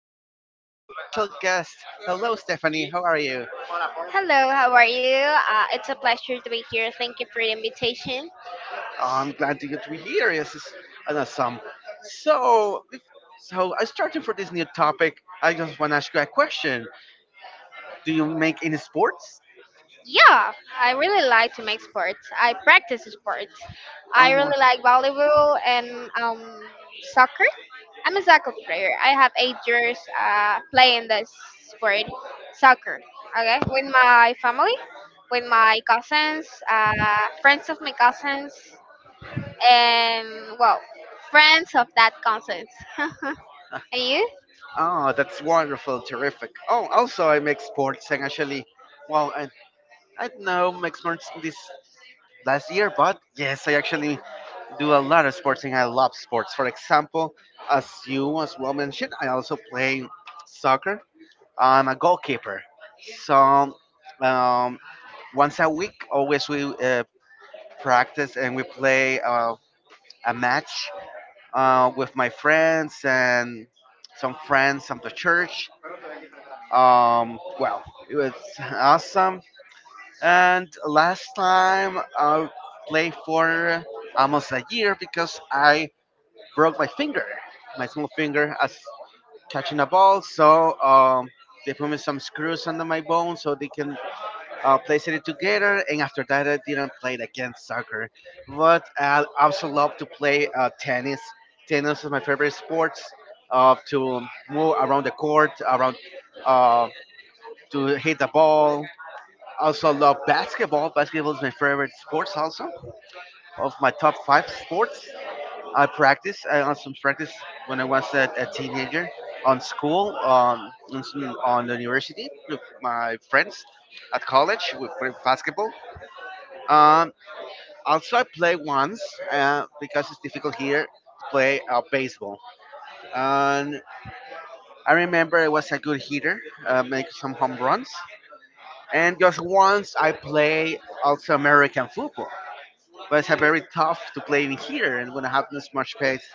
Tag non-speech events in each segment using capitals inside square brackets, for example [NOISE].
we have an special guest. Hello, Stephanie. How are you? Hello, how are you? It's a pleasure to be here. Thank you for the invitation. I'm glad to get to be here. This is an awesome. So, if- so I started for this new topic. I just want to ask you a question. Do you make any sports? Yeah, I really like to make sports. I practice sports. I Um, really like volleyball and soccer. I'm a soccer player. I have 8 years playing this sport, soccer. Okay, with my family, with my cousins, friends of my cousins, and well, friends of that cousins. [LAUGHS] And you? oh, that's wonderful, terrific. Oh, also I make sports and actually, well, I don't know, make sports this last year, but yes, I actually do a lot of sports and I love sports. For example, as you as well mentioned, I also play soccer. I'm a goalkeeper. So um, once a week, always we practice and we play a match with my friends and some friends from the church. Well, it was awesome. And last time I played for almost a year because I broke my finger, my small finger, as catching a ball. So they put me some screws under my bone so they can place it together. And after that, I didn't play it again soccer. But I also love to play tennis. Tennis is my favorite sport. To move around the court, around uh, to hit the ball. Also love basketball. Basketball is my favorite sports. Also of my top five sports. I practice. I also practice when I was a teenager on school, on the university with my friends at college with basketball. Um, also, I play once because it's difficult here to play baseball. And I remember I was a good hitter, make some home runs. And just once I play also American football, but it's a very tough to play in here and when I have this much pace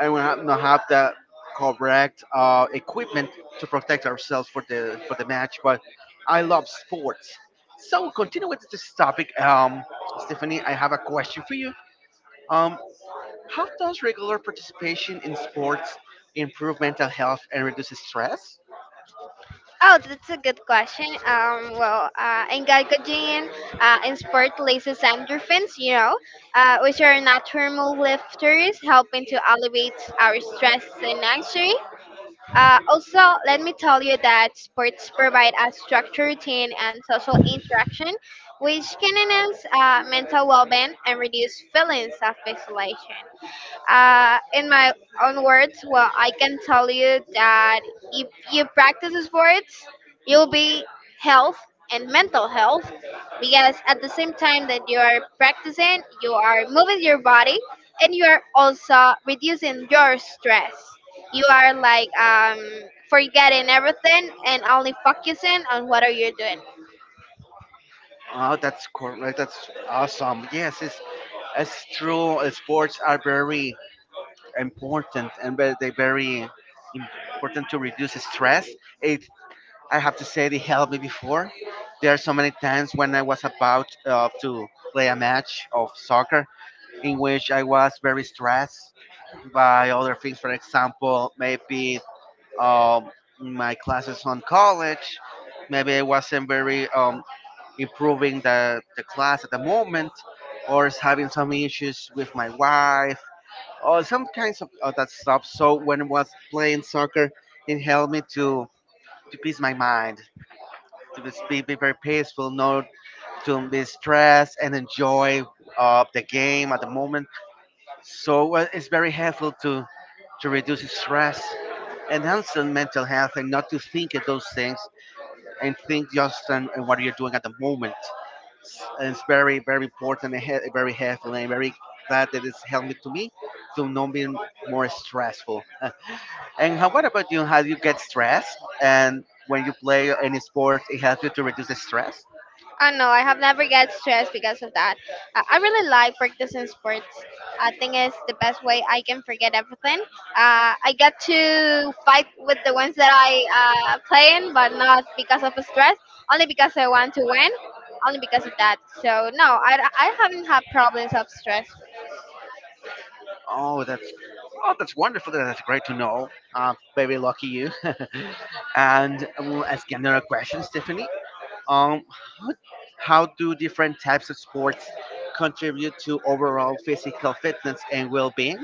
and we have not have the correct equipment to protect ourselves for the match. But I love sports. So continue with this topic, Stephanie. I have a question for you. Um, how does regular participation in sports improve mental health and reduce stress? Oh, that's a good question. In glycogen, in sport releases endorphins, you know, which are natural lifters, helping to alleviate our stress and anxiety. Also, let me tell you that sports provide a structured routine and social interaction, which can enhance mental well-being and reduce feelings of isolation. In my own words, well, I can tell you that if you practice sports, you'll be health and mental health, because at the same time that you are practicing, you are moving your body and you are also reducing your stress. You are like forgetting everything and only focusing on what are you doing. Oh, that's correct. That's awesome. Yes, it's true. Sports are very important and they very important to reduce stress. It I have to say they helped me before. There are so many times when I was about to play a match of soccer in which I was very stressed by other things. For example, maybe um, my classes on college. Maybe I wasn't very improving the class at the moment, or is having some issues with my wife, or some kinds of that stuff. So when I was playing soccer, it helped me to peace my mind to be very peaceful, not to be stressed, and enjoy the game at the moment. So it's very helpful to reduce stress, enhance your mental health, and not to think of those things and think just on what you're doing at the moment. And it's very important and very helpful, and very glad that it's helping to me to not be more stressful. [LAUGHS] And how what about you? How do you get stressed? And when you play any sport, it helps you to reduce the stress. Oh no, I have never get stressed because of that. I really like practicing sports. I think it's the best way I can forget everything. I get to fight with the ones that I play in, but not because of stress, only because I want to win, only because of that. So no, I haven't had problems of stress. Oh, that's oh, that's wonderful. That's great to know. Very lucky you. [LAUGHS] And I will ask you another question, Stephanie. Um, how, how do different types of sports contribute to overall physical fitness and well-being?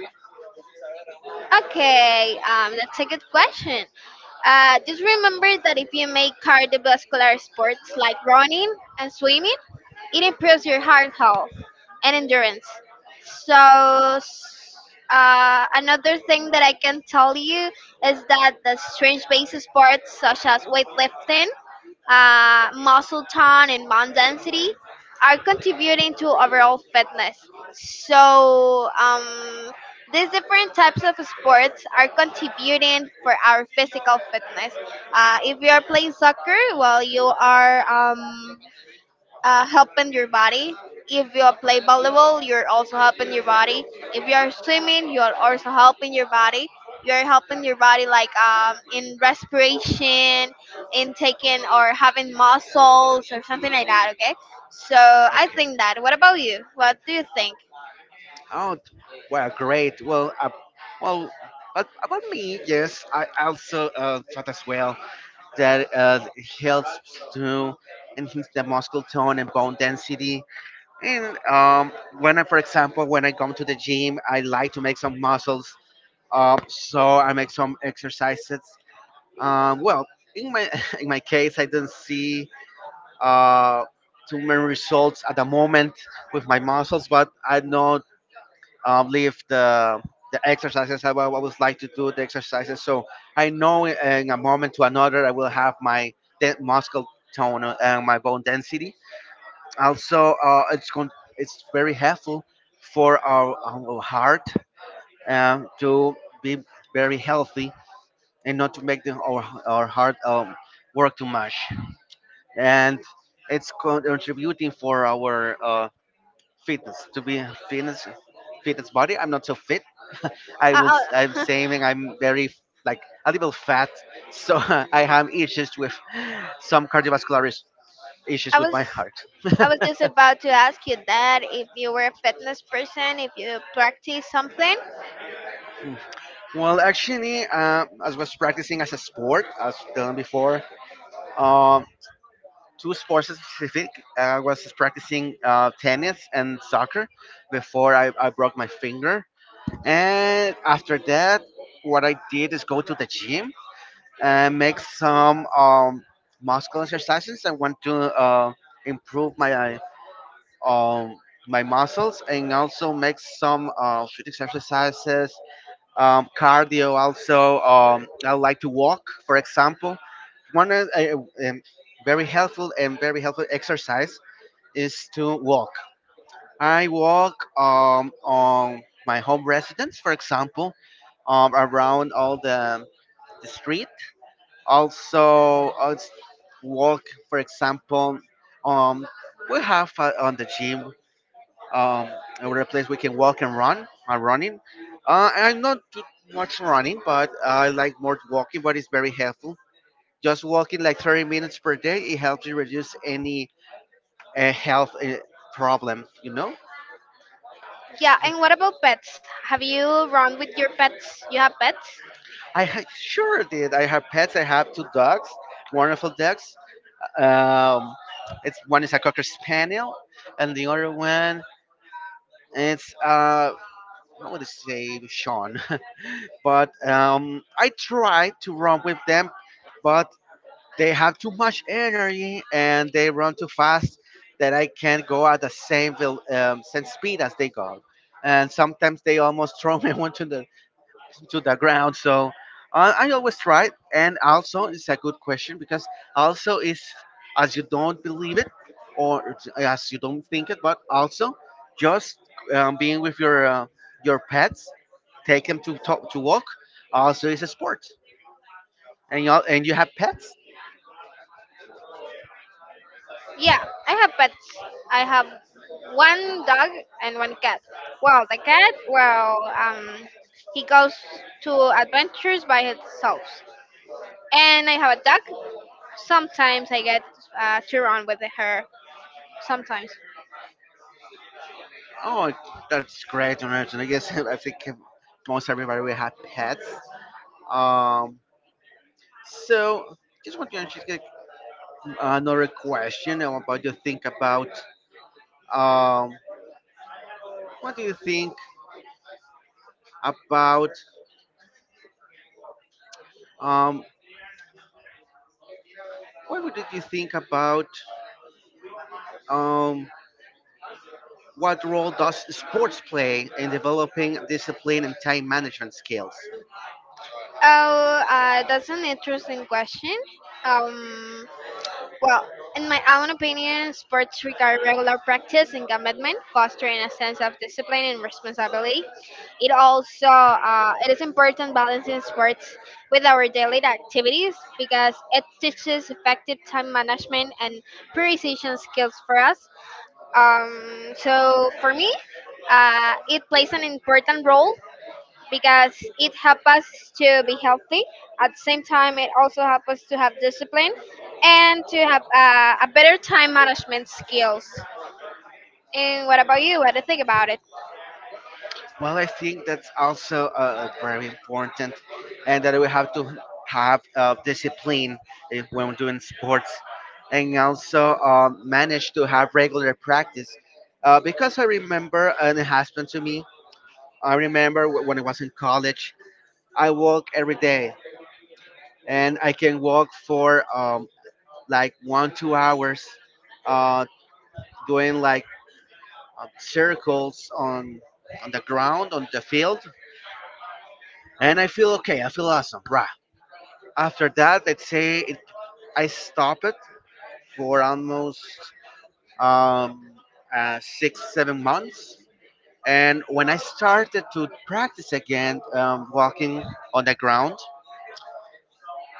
Okay, that's a good question. Just remember that if you make cardiovascular sports like running and swimming, it improves your heart health and endurance. So, s- another thing that I can tell you is that the strange based sports such as weightlifting, muscle tone, and bone density are contributing to overall fitness. So, these different types of sports are contributing for our physical fitness. If you are playing soccer, well, you are. Helping your body. If you play volleyball, you're also helping your body. If you are swimming, you are also helping your body. You are helping your body like in respiration, in taking or having muscles or something like that. Okay, so I Okay. think that. What about you? What do you think? Oh, well, great. Well, well, but about me, yes, I also thought as well that helps to enhance the muscle tone and bone density. And when I, for example, when I come to the gym, I like to make some muscles. So I make some exercises. Well, in my [LAUGHS] in my case, I didn't see uh, too many results at the moment with my muscles, but I know leave the exercises. I will always like to do the exercises, so I know in a moment to another I will have my muscle tone and my bone density. Also, it's very helpful for our heart to be very healthy and not to make our heart work too much. And contributing for our fitness to be fitness fitness body. I'm not so fit. Uh, I'm uh, saying I'm very like a little fat, so [LAUGHS] I have issues with some [LAUGHS] issues I with was my heart. I was [LAUGHS] just about to ask you that if you were a fitness person, if you practice something. Well, actually, as was practicing as a sport, as done before, um, two sports specific. I was practicing tennis and soccer before I broke my finger, and after that, what I did is go to the gym and make some muscle exercises. I want to improve my um, my muscles and also make some street exercises cardio also. I like to walk, for example. One is a, very helpful and very helpful exercise is to walk. I walk on my home residence, for example, around all the street. Also walk, for example, um, we have on the gym um, over a place we can walk and run. I'm running. I'm not too much running, but I like more walking. But it's very helpful. Just walking like 30 minutes per day, it helps you reduce any health problem. You know, Yeah, and what about pets? Have you run with your pets? You have pets? Sure did. I have pets. I have two dogs, wonderful dogs. Um, it's one is a cocker spaniel, and the other one it's I would say Sean. [LAUGHS] But I try to run with them but they have too much energy and they run too fast that I can't go at the same same speed as they go. And sometimes they almost throw me [LAUGHS] onto the to the ground. So I always try. And also, it's a good question because also is as you don't believe it or it's- as you don't think it, but also just being with your pets, take them to talk, to walk. Also, is a sport. And you have pets. Yeah, I have pets. I have one dog and one cat. Well, the cat, well, he goes to adventures by himself. And I have a dog. Sometimes I get to run with her. Sometimes. Oh, that's great, Norwegian. I guess [LAUGHS] I think most everybody will have pets. Um, so just want to just get another question about you think about um, what do you think about um, what would you think about um, what role does sports play in developing discipline and time management skills? Oh, that's an interesting question. Um, Well, in my own opinion, sports require regular practice and commitment, fostering a sense of discipline and responsibility. It also it is important balancing sports with our daily activities because it teaches effective time management and prioritization skills for us. So for me, it plays an important role because it helps us to be healthy. At the same time, it also helps us to have discipline and to have a better time management skills. And what about you? What do you think about it? Well, I think that's also very important, and that we have to have discipline if when we're doing sports, and also manage to have regular practice. Because I remember, and it happened to me. I remember when I was in college, I walk every day, and I can walk for like 1, 2 hours, uh, doing like circles on the ground on the field, and I feel okay. I feel awesome, right? After that, let's say it, I stopped it for almost um, six, 7 months. And when I started to practice again walking on the ground,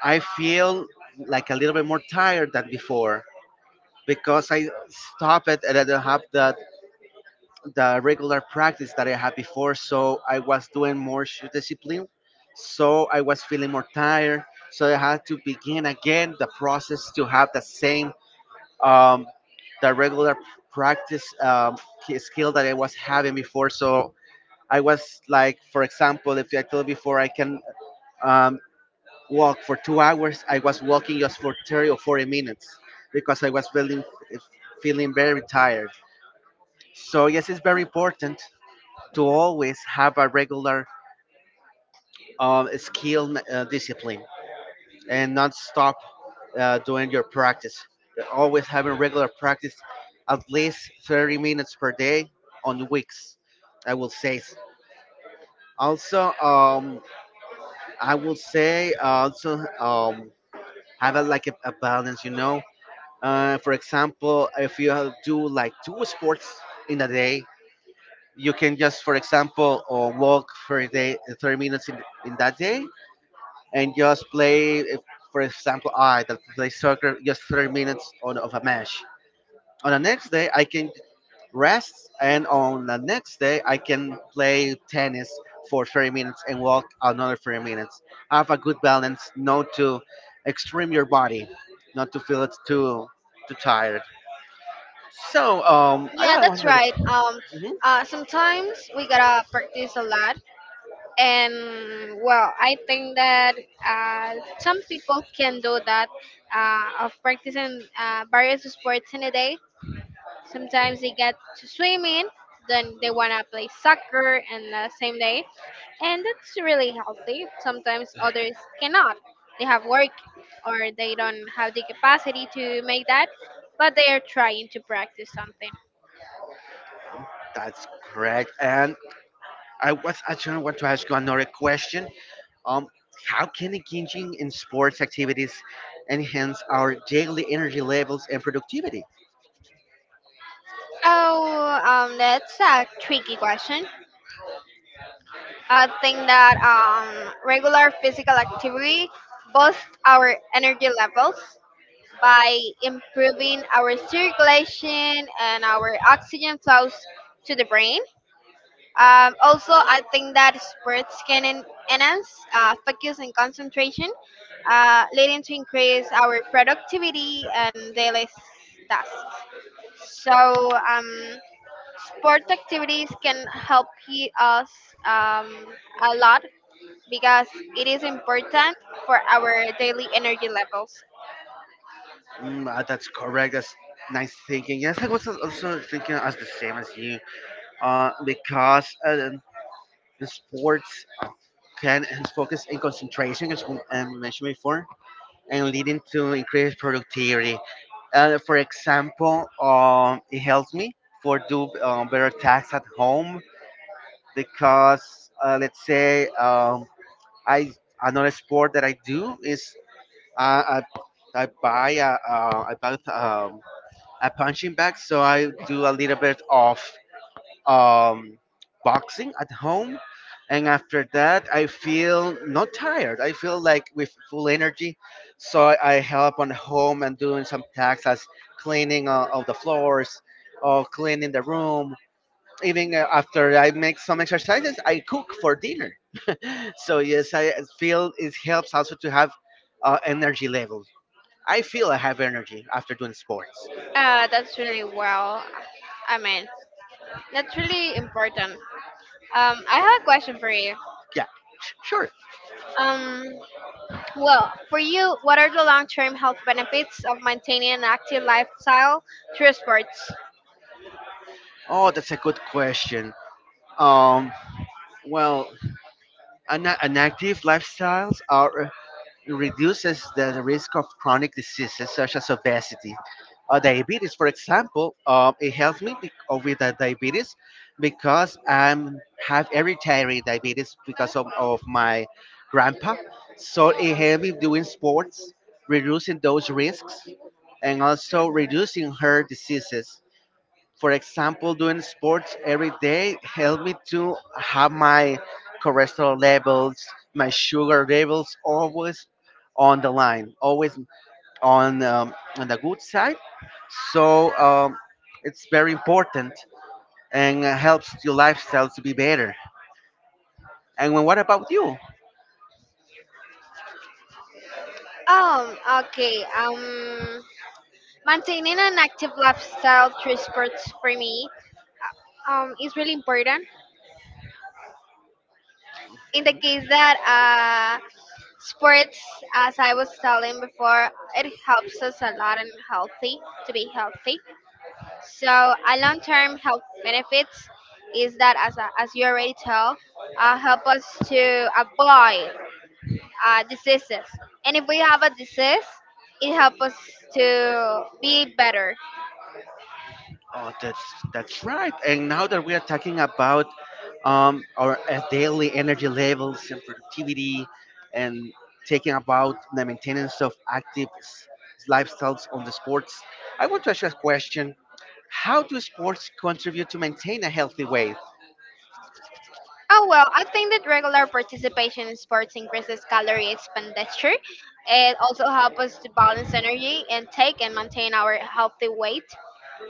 I feel like a little bit more tired than before because I stopped it and I don't have that the regular practice that I had before. So I was doing more shoe discipline. So I was feeling more tired. So I had to begin again the process to have the same um, the regular practice skill that I was having before. So I was like, for example, if I told before I can um, walk for 2 hours, I was walking just for 30 or 40 minutes because I was feeling very tired. So yes, it's very important to always have a regular skill discipline, and not stop doing your practice. Always having regular practice, at least 30 minutes per day on weeks, I will say. Also, I will say also have a, a balance, you know. For example, if you have- do like two sports in a day, you can just, for example, walk for a day, 30 minutes in that day and just play, if, for example, I that play soccer just 30 minutes on of a match. On the next day, I can rest, and on the next day, I can play tennis for 30 minutes and walk another 30 minutes. Have a good balance, not to extreme your body, not to feel it's too tired. So, I Yeah, got one. that's right. Mhm. Sometimes we gotta practice a lot. And well, I think that uh, some people can do that of practicing various sports in a day. Sometimes they get to swimming, then they want to play soccer and the same day, and that's really healthy. Sometimes others cannot. They have work or they don't have the capacity to make that, but they are trying to practice something. That's correct. And I was actually want to ask you another question. Um, how can engaging in sports activities enhance our daily energy levels and productivity? Oh, that's a tricky question. I think that regular physical activity boosts our energy levels by improving our circulation and our oxygen flows to the brain. Also, I think that sports can enhance focus and concentration, leading to increase our productivity and daily tasks. So, sports activities can help us um, a lot because it is important for our daily energy levels. That's correct. That's nice thinking. Yes, I was also thinking as the same as you, because the sports can enhance focus and concentration, as we mentioned before, and leading to increased productivity. For example, it helps me for do better tasks at home because let's say I another sport that I do is uh, I I buy a, I buy a punching bag, so I do a little bit of um, boxing at home, and after that I feel not tired. I feel like with full energy, so I help on home and doing some tasks as cleaning of the floors, or cleaning the room, even after I make some exercises, I cook for dinner. So yes, I feel it helps also to have energy level. I feel I have energy after doing sports. That's really well. I mean, that's really important. I have a question for you. Yeah, sure. Um, well, for you, what are the long-term health benefits of maintaining an active lifestyle through sports? Oh, that's a good question. Um, well, an active lifestyles are it reduces the risk of chronic diseases such as obesity or diabetes. For example, it helps me with the diabetes because I have hereditary diabetes because of my grandpa. So it helps me doing sports, reducing those risks, and also reducing her diseases for example, doing sports every day helped me to have my cholesterol levels, my sugar levels always on the line, always on the good side. So it's very important and helps your lifestyle to be better. And when, what about you? Um, okay. Maintaining an active lifestyle through sports for me is really important. In the case that uh, sports, as I was telling before, it helps us a lot and healthy to be healthy. So a long-term health benefits is that, as you already tell, help us to avoid diseases. And if we have a disease, it helps us to be better. Oh, that's right. And now that we are talking about our daily energy levels and productivity, and taking about the maintenance of lifestyles on the sports, I want to ask you a question: how do sports contribute to maintain a healthy weight? Oh well, I think that regular participation in sports increases calorie expenditure. It also helps us to balance energy intake and maintain our healthy weight.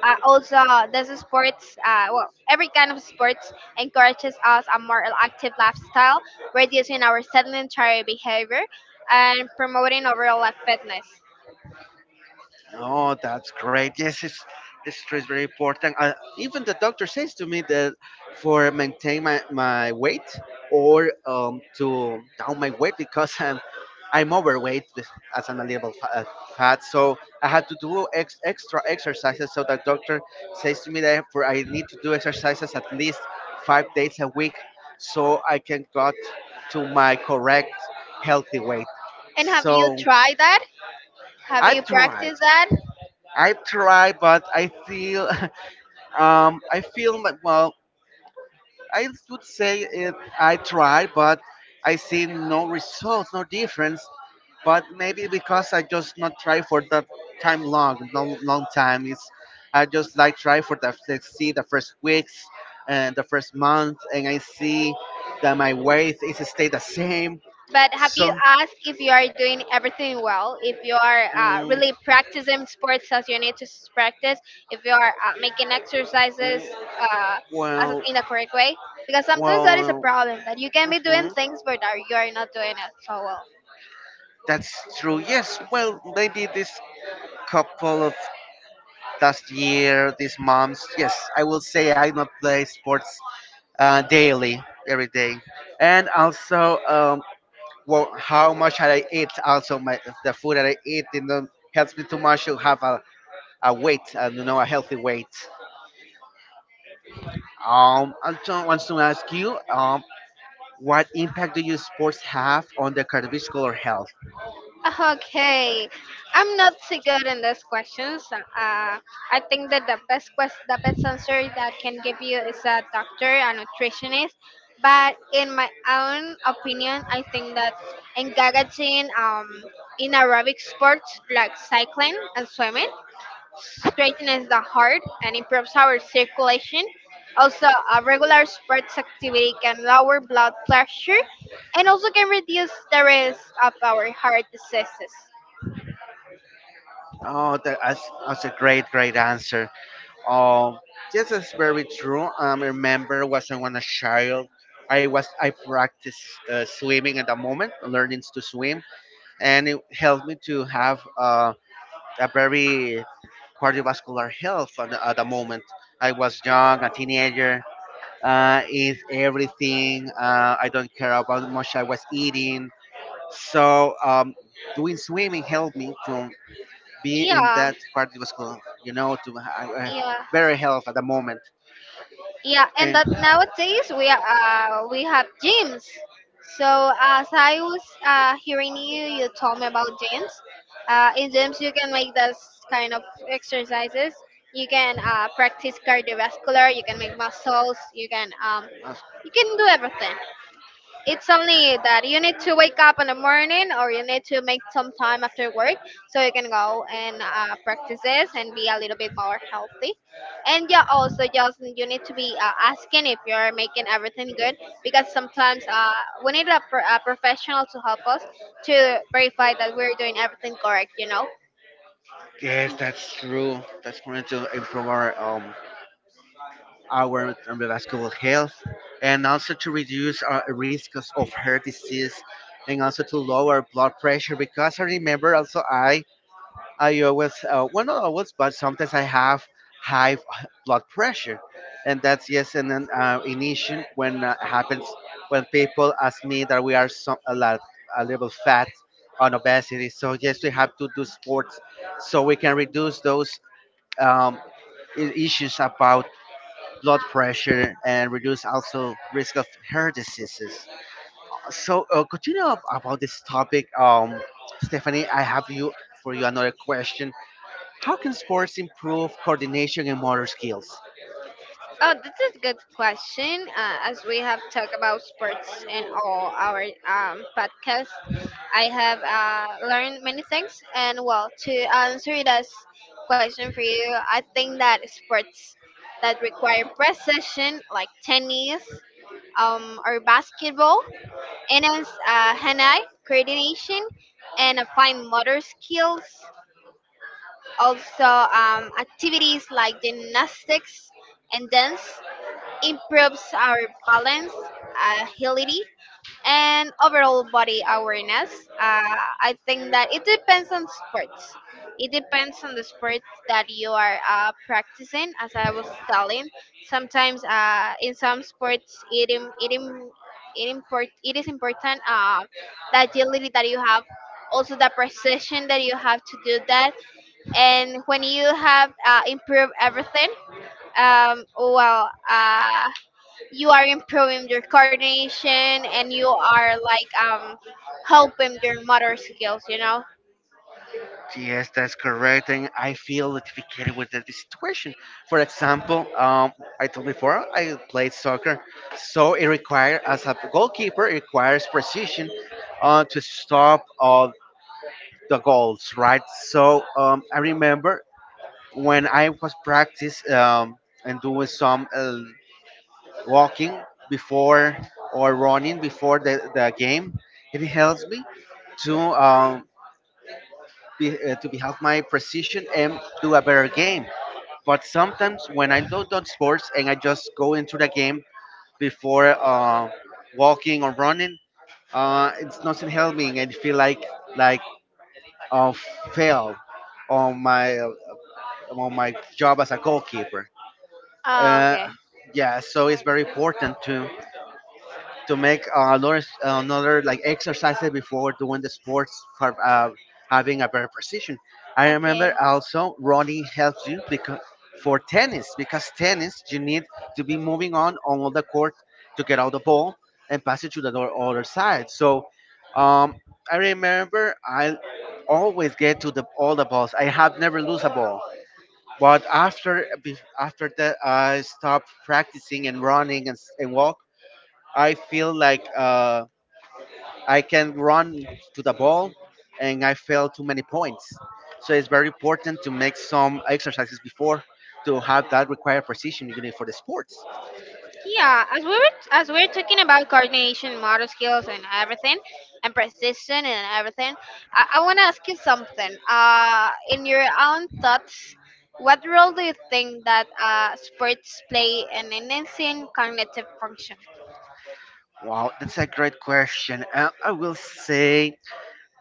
Also, this is sports, well, every kind of sports encourages us a more active lifestyle, reducing our sedentary behavior and promoting overall fitness. Oh, that's great. Yes, it's is very important. Even the doctor says to me that for maintain my weight or to down my weight because I'm overweight, as I'm fat, so I had to do extra exercises. So the doctor says to me that for I need to do exercises at least 5 days a week so I can got to my correct healthy weight. And have you So tried that? Have I've you tried. practiced that? I've tried, but I feel, [LAUGHS] I feel like well, I would say it, I tried, but I see no results, no difference. But maybe because I just not try for that time long time. It's I just like try for the let's see the first weeks and the first month, and I see that my weight is stay the same. But have you So, asked if you are doing everything well? If you are mm, really practicing sports as you need to practice? If you are making exercises mm, uh, as well, in the correct way? Because sometimes that is a well. problem that you can be doing Mhm. things, but are you are not doing it so well. That's true. Yes. Well, maybe this couple of last year, these months. Yes, I will say I not play sports daily, every day, and also well, how much I eat. Also, my the food that I eat, you know, helps me too much to have a weight, you know, a healthy weight. I just want to ask you, what impact do you sports have on the cardiovascular health? Okay, I'm not so good in these questions. I think that the the best answer that I can give you is a doctor, a nutritionist. But in my own opinion, I think that engaging in aerobic sports like cycling and swimming straightens the heart and improves our circulation. Also, a regular sports activity can lower blood pressure and also can reduce the risk of our heart diseases. Oh, that's a great answer. Um, yes, that's very true. I remember was I was a child, I practiced swimming at the moment, learning to swim, and it helped me to have a very cardiovascular health at at the moment. I was young, a teenager. Is everything. I don't care about how much I was eating. So doing swimming helped me to be in Yeah, that cardiovascular, you know, yeah, very health at the moment. yeah. And And that nowadays we are, we have gyms. So as I was hearing you, you told me about gyms. In gyms, you can make those kind of exercises. You can practice cardiovascular. You can make muscles. Uh, You can do everything. It's only that you need to wake up in the morning or you need to make some time after work, so you can go and practice this and be a little bit more healthy. And yeah, also just you need to be asking if you're making everything good, because sometimes we need a, a professional to help us to verify that we're doing everything correct, you know. yes, that's true. That's going to improve our cardiovascular health, and also to reduce our risk of heart disease, and also to lower blood pressure. Because I remember also I always, well, not always, but sometimes I have high blood pressure, and that's yes, and then an issue when happens when people ask me that we are some a lot a little fat on obesity. So yes, we have to do sports so we can reduce those um, issues about blood pressure and reduce also risk of hair diseases. So continue ab- about this topic, Stephanie. I have you For you another question: how can sports improve coordination and motor skills? Oh, this is a good question. As we have talked about sports in all our podcasts, I have learned many things. And well, to answer this question for you, I think that sports that require precision, like tennis or basketball, enhance hand eye coordination and applying motor skills. Also, activities like gymnastics and dance improves our balance, agility, and overall body awareness. Uh, I think that it depends on sports. It depends on the sport that you are practicing. As I was telling, sometimes in some sports, it is important the agility that you have, also the precision that you have to do that. And when you have improved everything, um, well, uh, you are improving your coordination and you are like helping your motor skills, you know. Yes, that's correct, and I feel identified with the situation. For example, I told before I played soccer, so it requires as a goalkeeper, it requires precision to stop all the goals, right? So I remember when I was practice and doing some walking before or running before the game, it helps me to to be have my precision and do a better game. But sometimes when I don't do sports and I just go into the game before walking or running, it's nothing helping and feel like like uh, fail on my on my job as a goalkeeper. Oh, Uh, okay. yeah, so it's very important to make another like exercises before doing the sports for having a better precision. I remember Okay. also running helps you because for tennis because tennis you need to be moving on the court to get out the ball and pass it to the other side. So um, I remember I always get to the all the balls. I have never lose a ball. But after that, I stopped practicing and running and, and walk I feel like I can run to the ball and I fail too many points. So it's very important to make some exercises before to have that required precision you need for the sports. Yeah, as we were as we are talking about coordination, motor skills, and everything, and persistence and everything, I want to ask you something. In your own thoughts, what role do you think that sports play in enhancing cognitive function? Wow, that's a great question. I will say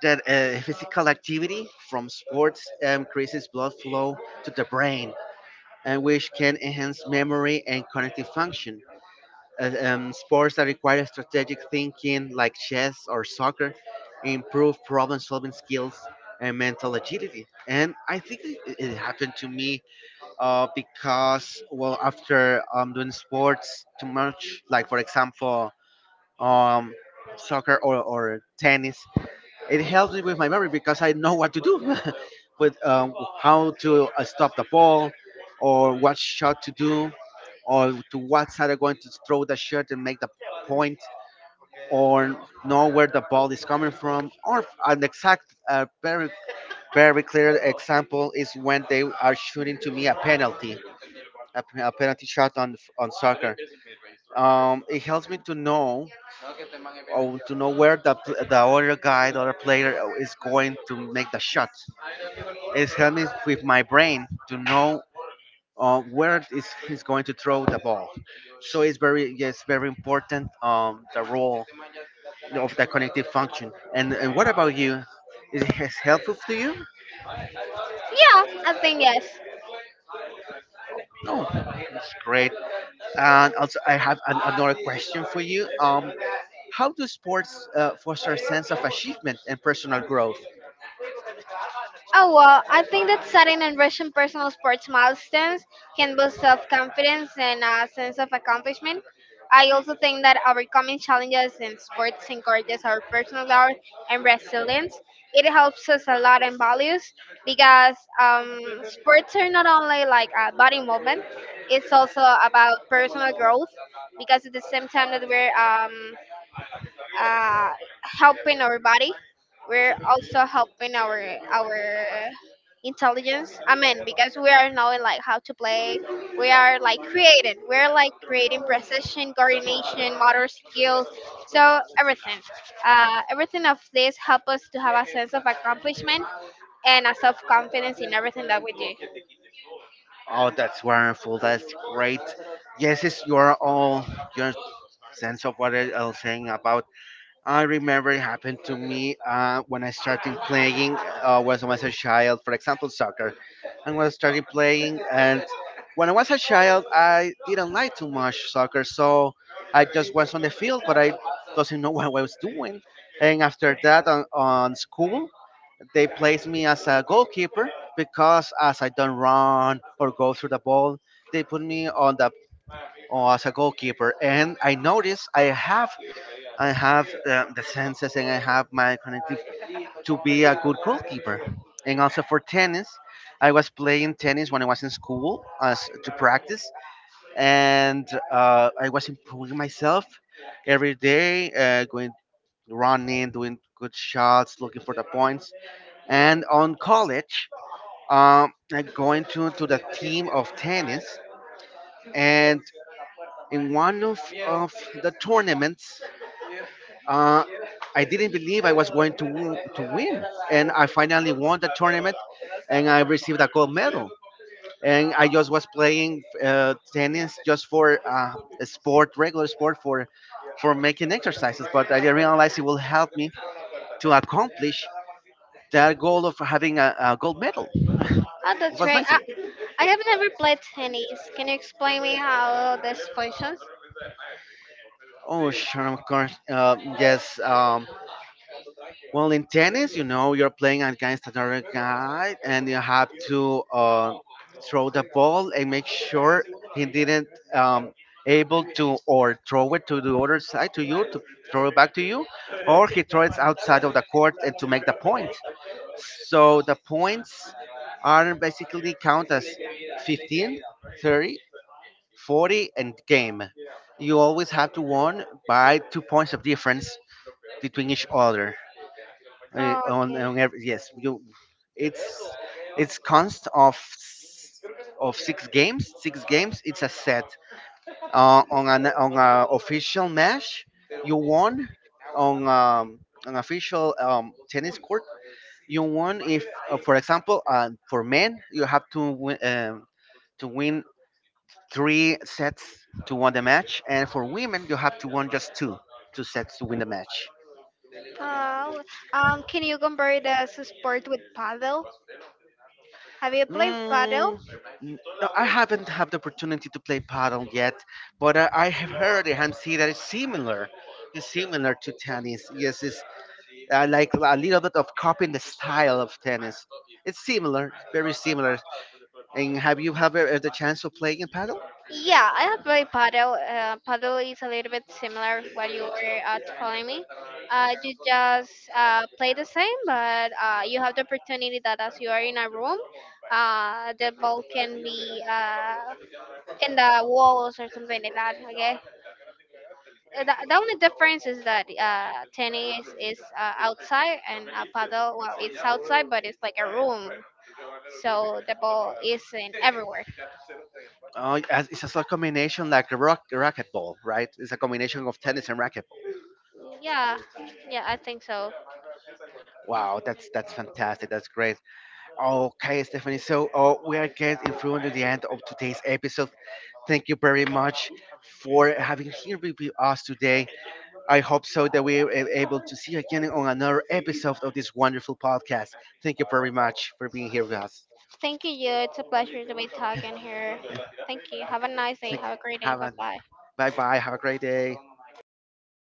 that physical activity from sports increases blood flow to the brain, and which can enhance memory and cognitive function. Sports that require strategic thinking, like chess or soccer, improve problem solving skills and mental agility. And I think it happened to me because, well, after doing sports too much, like for example, um, soccer or tennis, it helps me with my memory because I know what to do, [LAUGHS] with how to stop the ball, or what shot to do, or to what side I'm going to throw the shot and make the point, or know where the ball is coming from. Or an exact, very clear example is when they are shooting to me a penalty, a penalty shot on soccer. It helps me to know or to know where the other guy, the other player is going to make the shot. It's helped me with my brain to know where is he's going to throw the ball. So it's very yes very important the role of the connective function. And what about you? Is it has helpful to you? Yeah, I think yes. No, it's great. And also I have another question for you. How do sports foster a sense of achievement and personal growth? Oh well, I think that setting and reaching personal sports milestones can boost self-confidence and a sense of accomplishment. I also think that overcoming challenges in sports encourages our personal growth and resilience. It helps us a lot in values because sports are not only like a body movement; it's also about personal growth. Because at the same time that we're uh, helping our body. We're also helping our intelligence. I mean, because we are knowing like how to play. We are like creating. We're like creating precision, coordination, motor skills. So everything, everything of this help us to have a sense of accomplishment and a self confidence in everything that we do. Oh, that's wonderful. That's great. Yes, it's your all your sense of what I was saying about I remember it happened to me when I started playing when I was a child, for example, soccer. And when I started playing, and when I was a child, I didn't like too much soccer, so I just was on the field, but I doesn't know [LAUGHS] what I was doing. And after that, on school, they placed me as a goalkeeper because as I don't run or go through the ball, they put me on the or as a goalkeeper. And I noticed I have the senses and I have my connective to be a good goalkeeper. And also for tennis, I was playing tennis when I was in school as to practice, and I was improving myself every day, going running, doing good shots, looking for the points. And on college, I going to the team of tennis, and in one of the tournaments, uh, I didn't believe I was going to win, and I finally won the tournament, and I received a gold medal. And I just was playing tennis just for a sport, regular sport for making exercises. But I didn't realize it will help me to accomplish that goal of having a gold medal. [LAUGHS] Oh, It that's was right. amazing. I have never played tennis. Can you explain me how this functions? Oh, sure, of course. Yes. Well, in tennis, you know, you're playing against another guy, and you have to throw the ball and make sure he didn't um, able to or throw it to the other side to you to throw it back to you, or he throws it outside of the court and to make the point. So the points are basically count as 15, 30, 40, and game. You always have to win by two points of difference between each other Oh, okay. on every, yes you it's it's const of six games it's a set on a official match you won on an official tennis court you won if for example for men you have to win to win three sets to win the match and for women you have to win just two sets to win the match. Oh, can you compare the sport with paddle? Have you played paddle? Mm, no, I haven't had the opportunity to play paddle yet, but I have heard and see that it's similar. It's similar to tennis. Yes, it's like a little bit of copying the style of tennis. It's similar, very similar. And have you have the chance of playing in paddle? Yeah, I have played paddle. Paddle is a little bit similar to what you were telling me. You just play the same, but you have the opportunity that as you are in a room, the ball can be in the walls or something like that. Okay. The only difference is that tennis is outside and paddle, well, it's outside, but it's like a room. So the ball is in everywhere. Oh, it's a combination like a racquetball, right? It's a combination of tennis and racquetball. Yeah, yeah, I think so. Wow, that's fantastic. That's great. Okay, Stephanie. So we are getting through to the end of today's episode. Thank you very much for having here with us today. I hope so that we are able to see you again on another episode of this wonderful podcast. Thank you very much for being here with us. Thank you, you. It's a pleasure to be talking here. Thank you. Have a nice day. Thank, Have a great day. have Bye a bye. bye bye. Have a great day.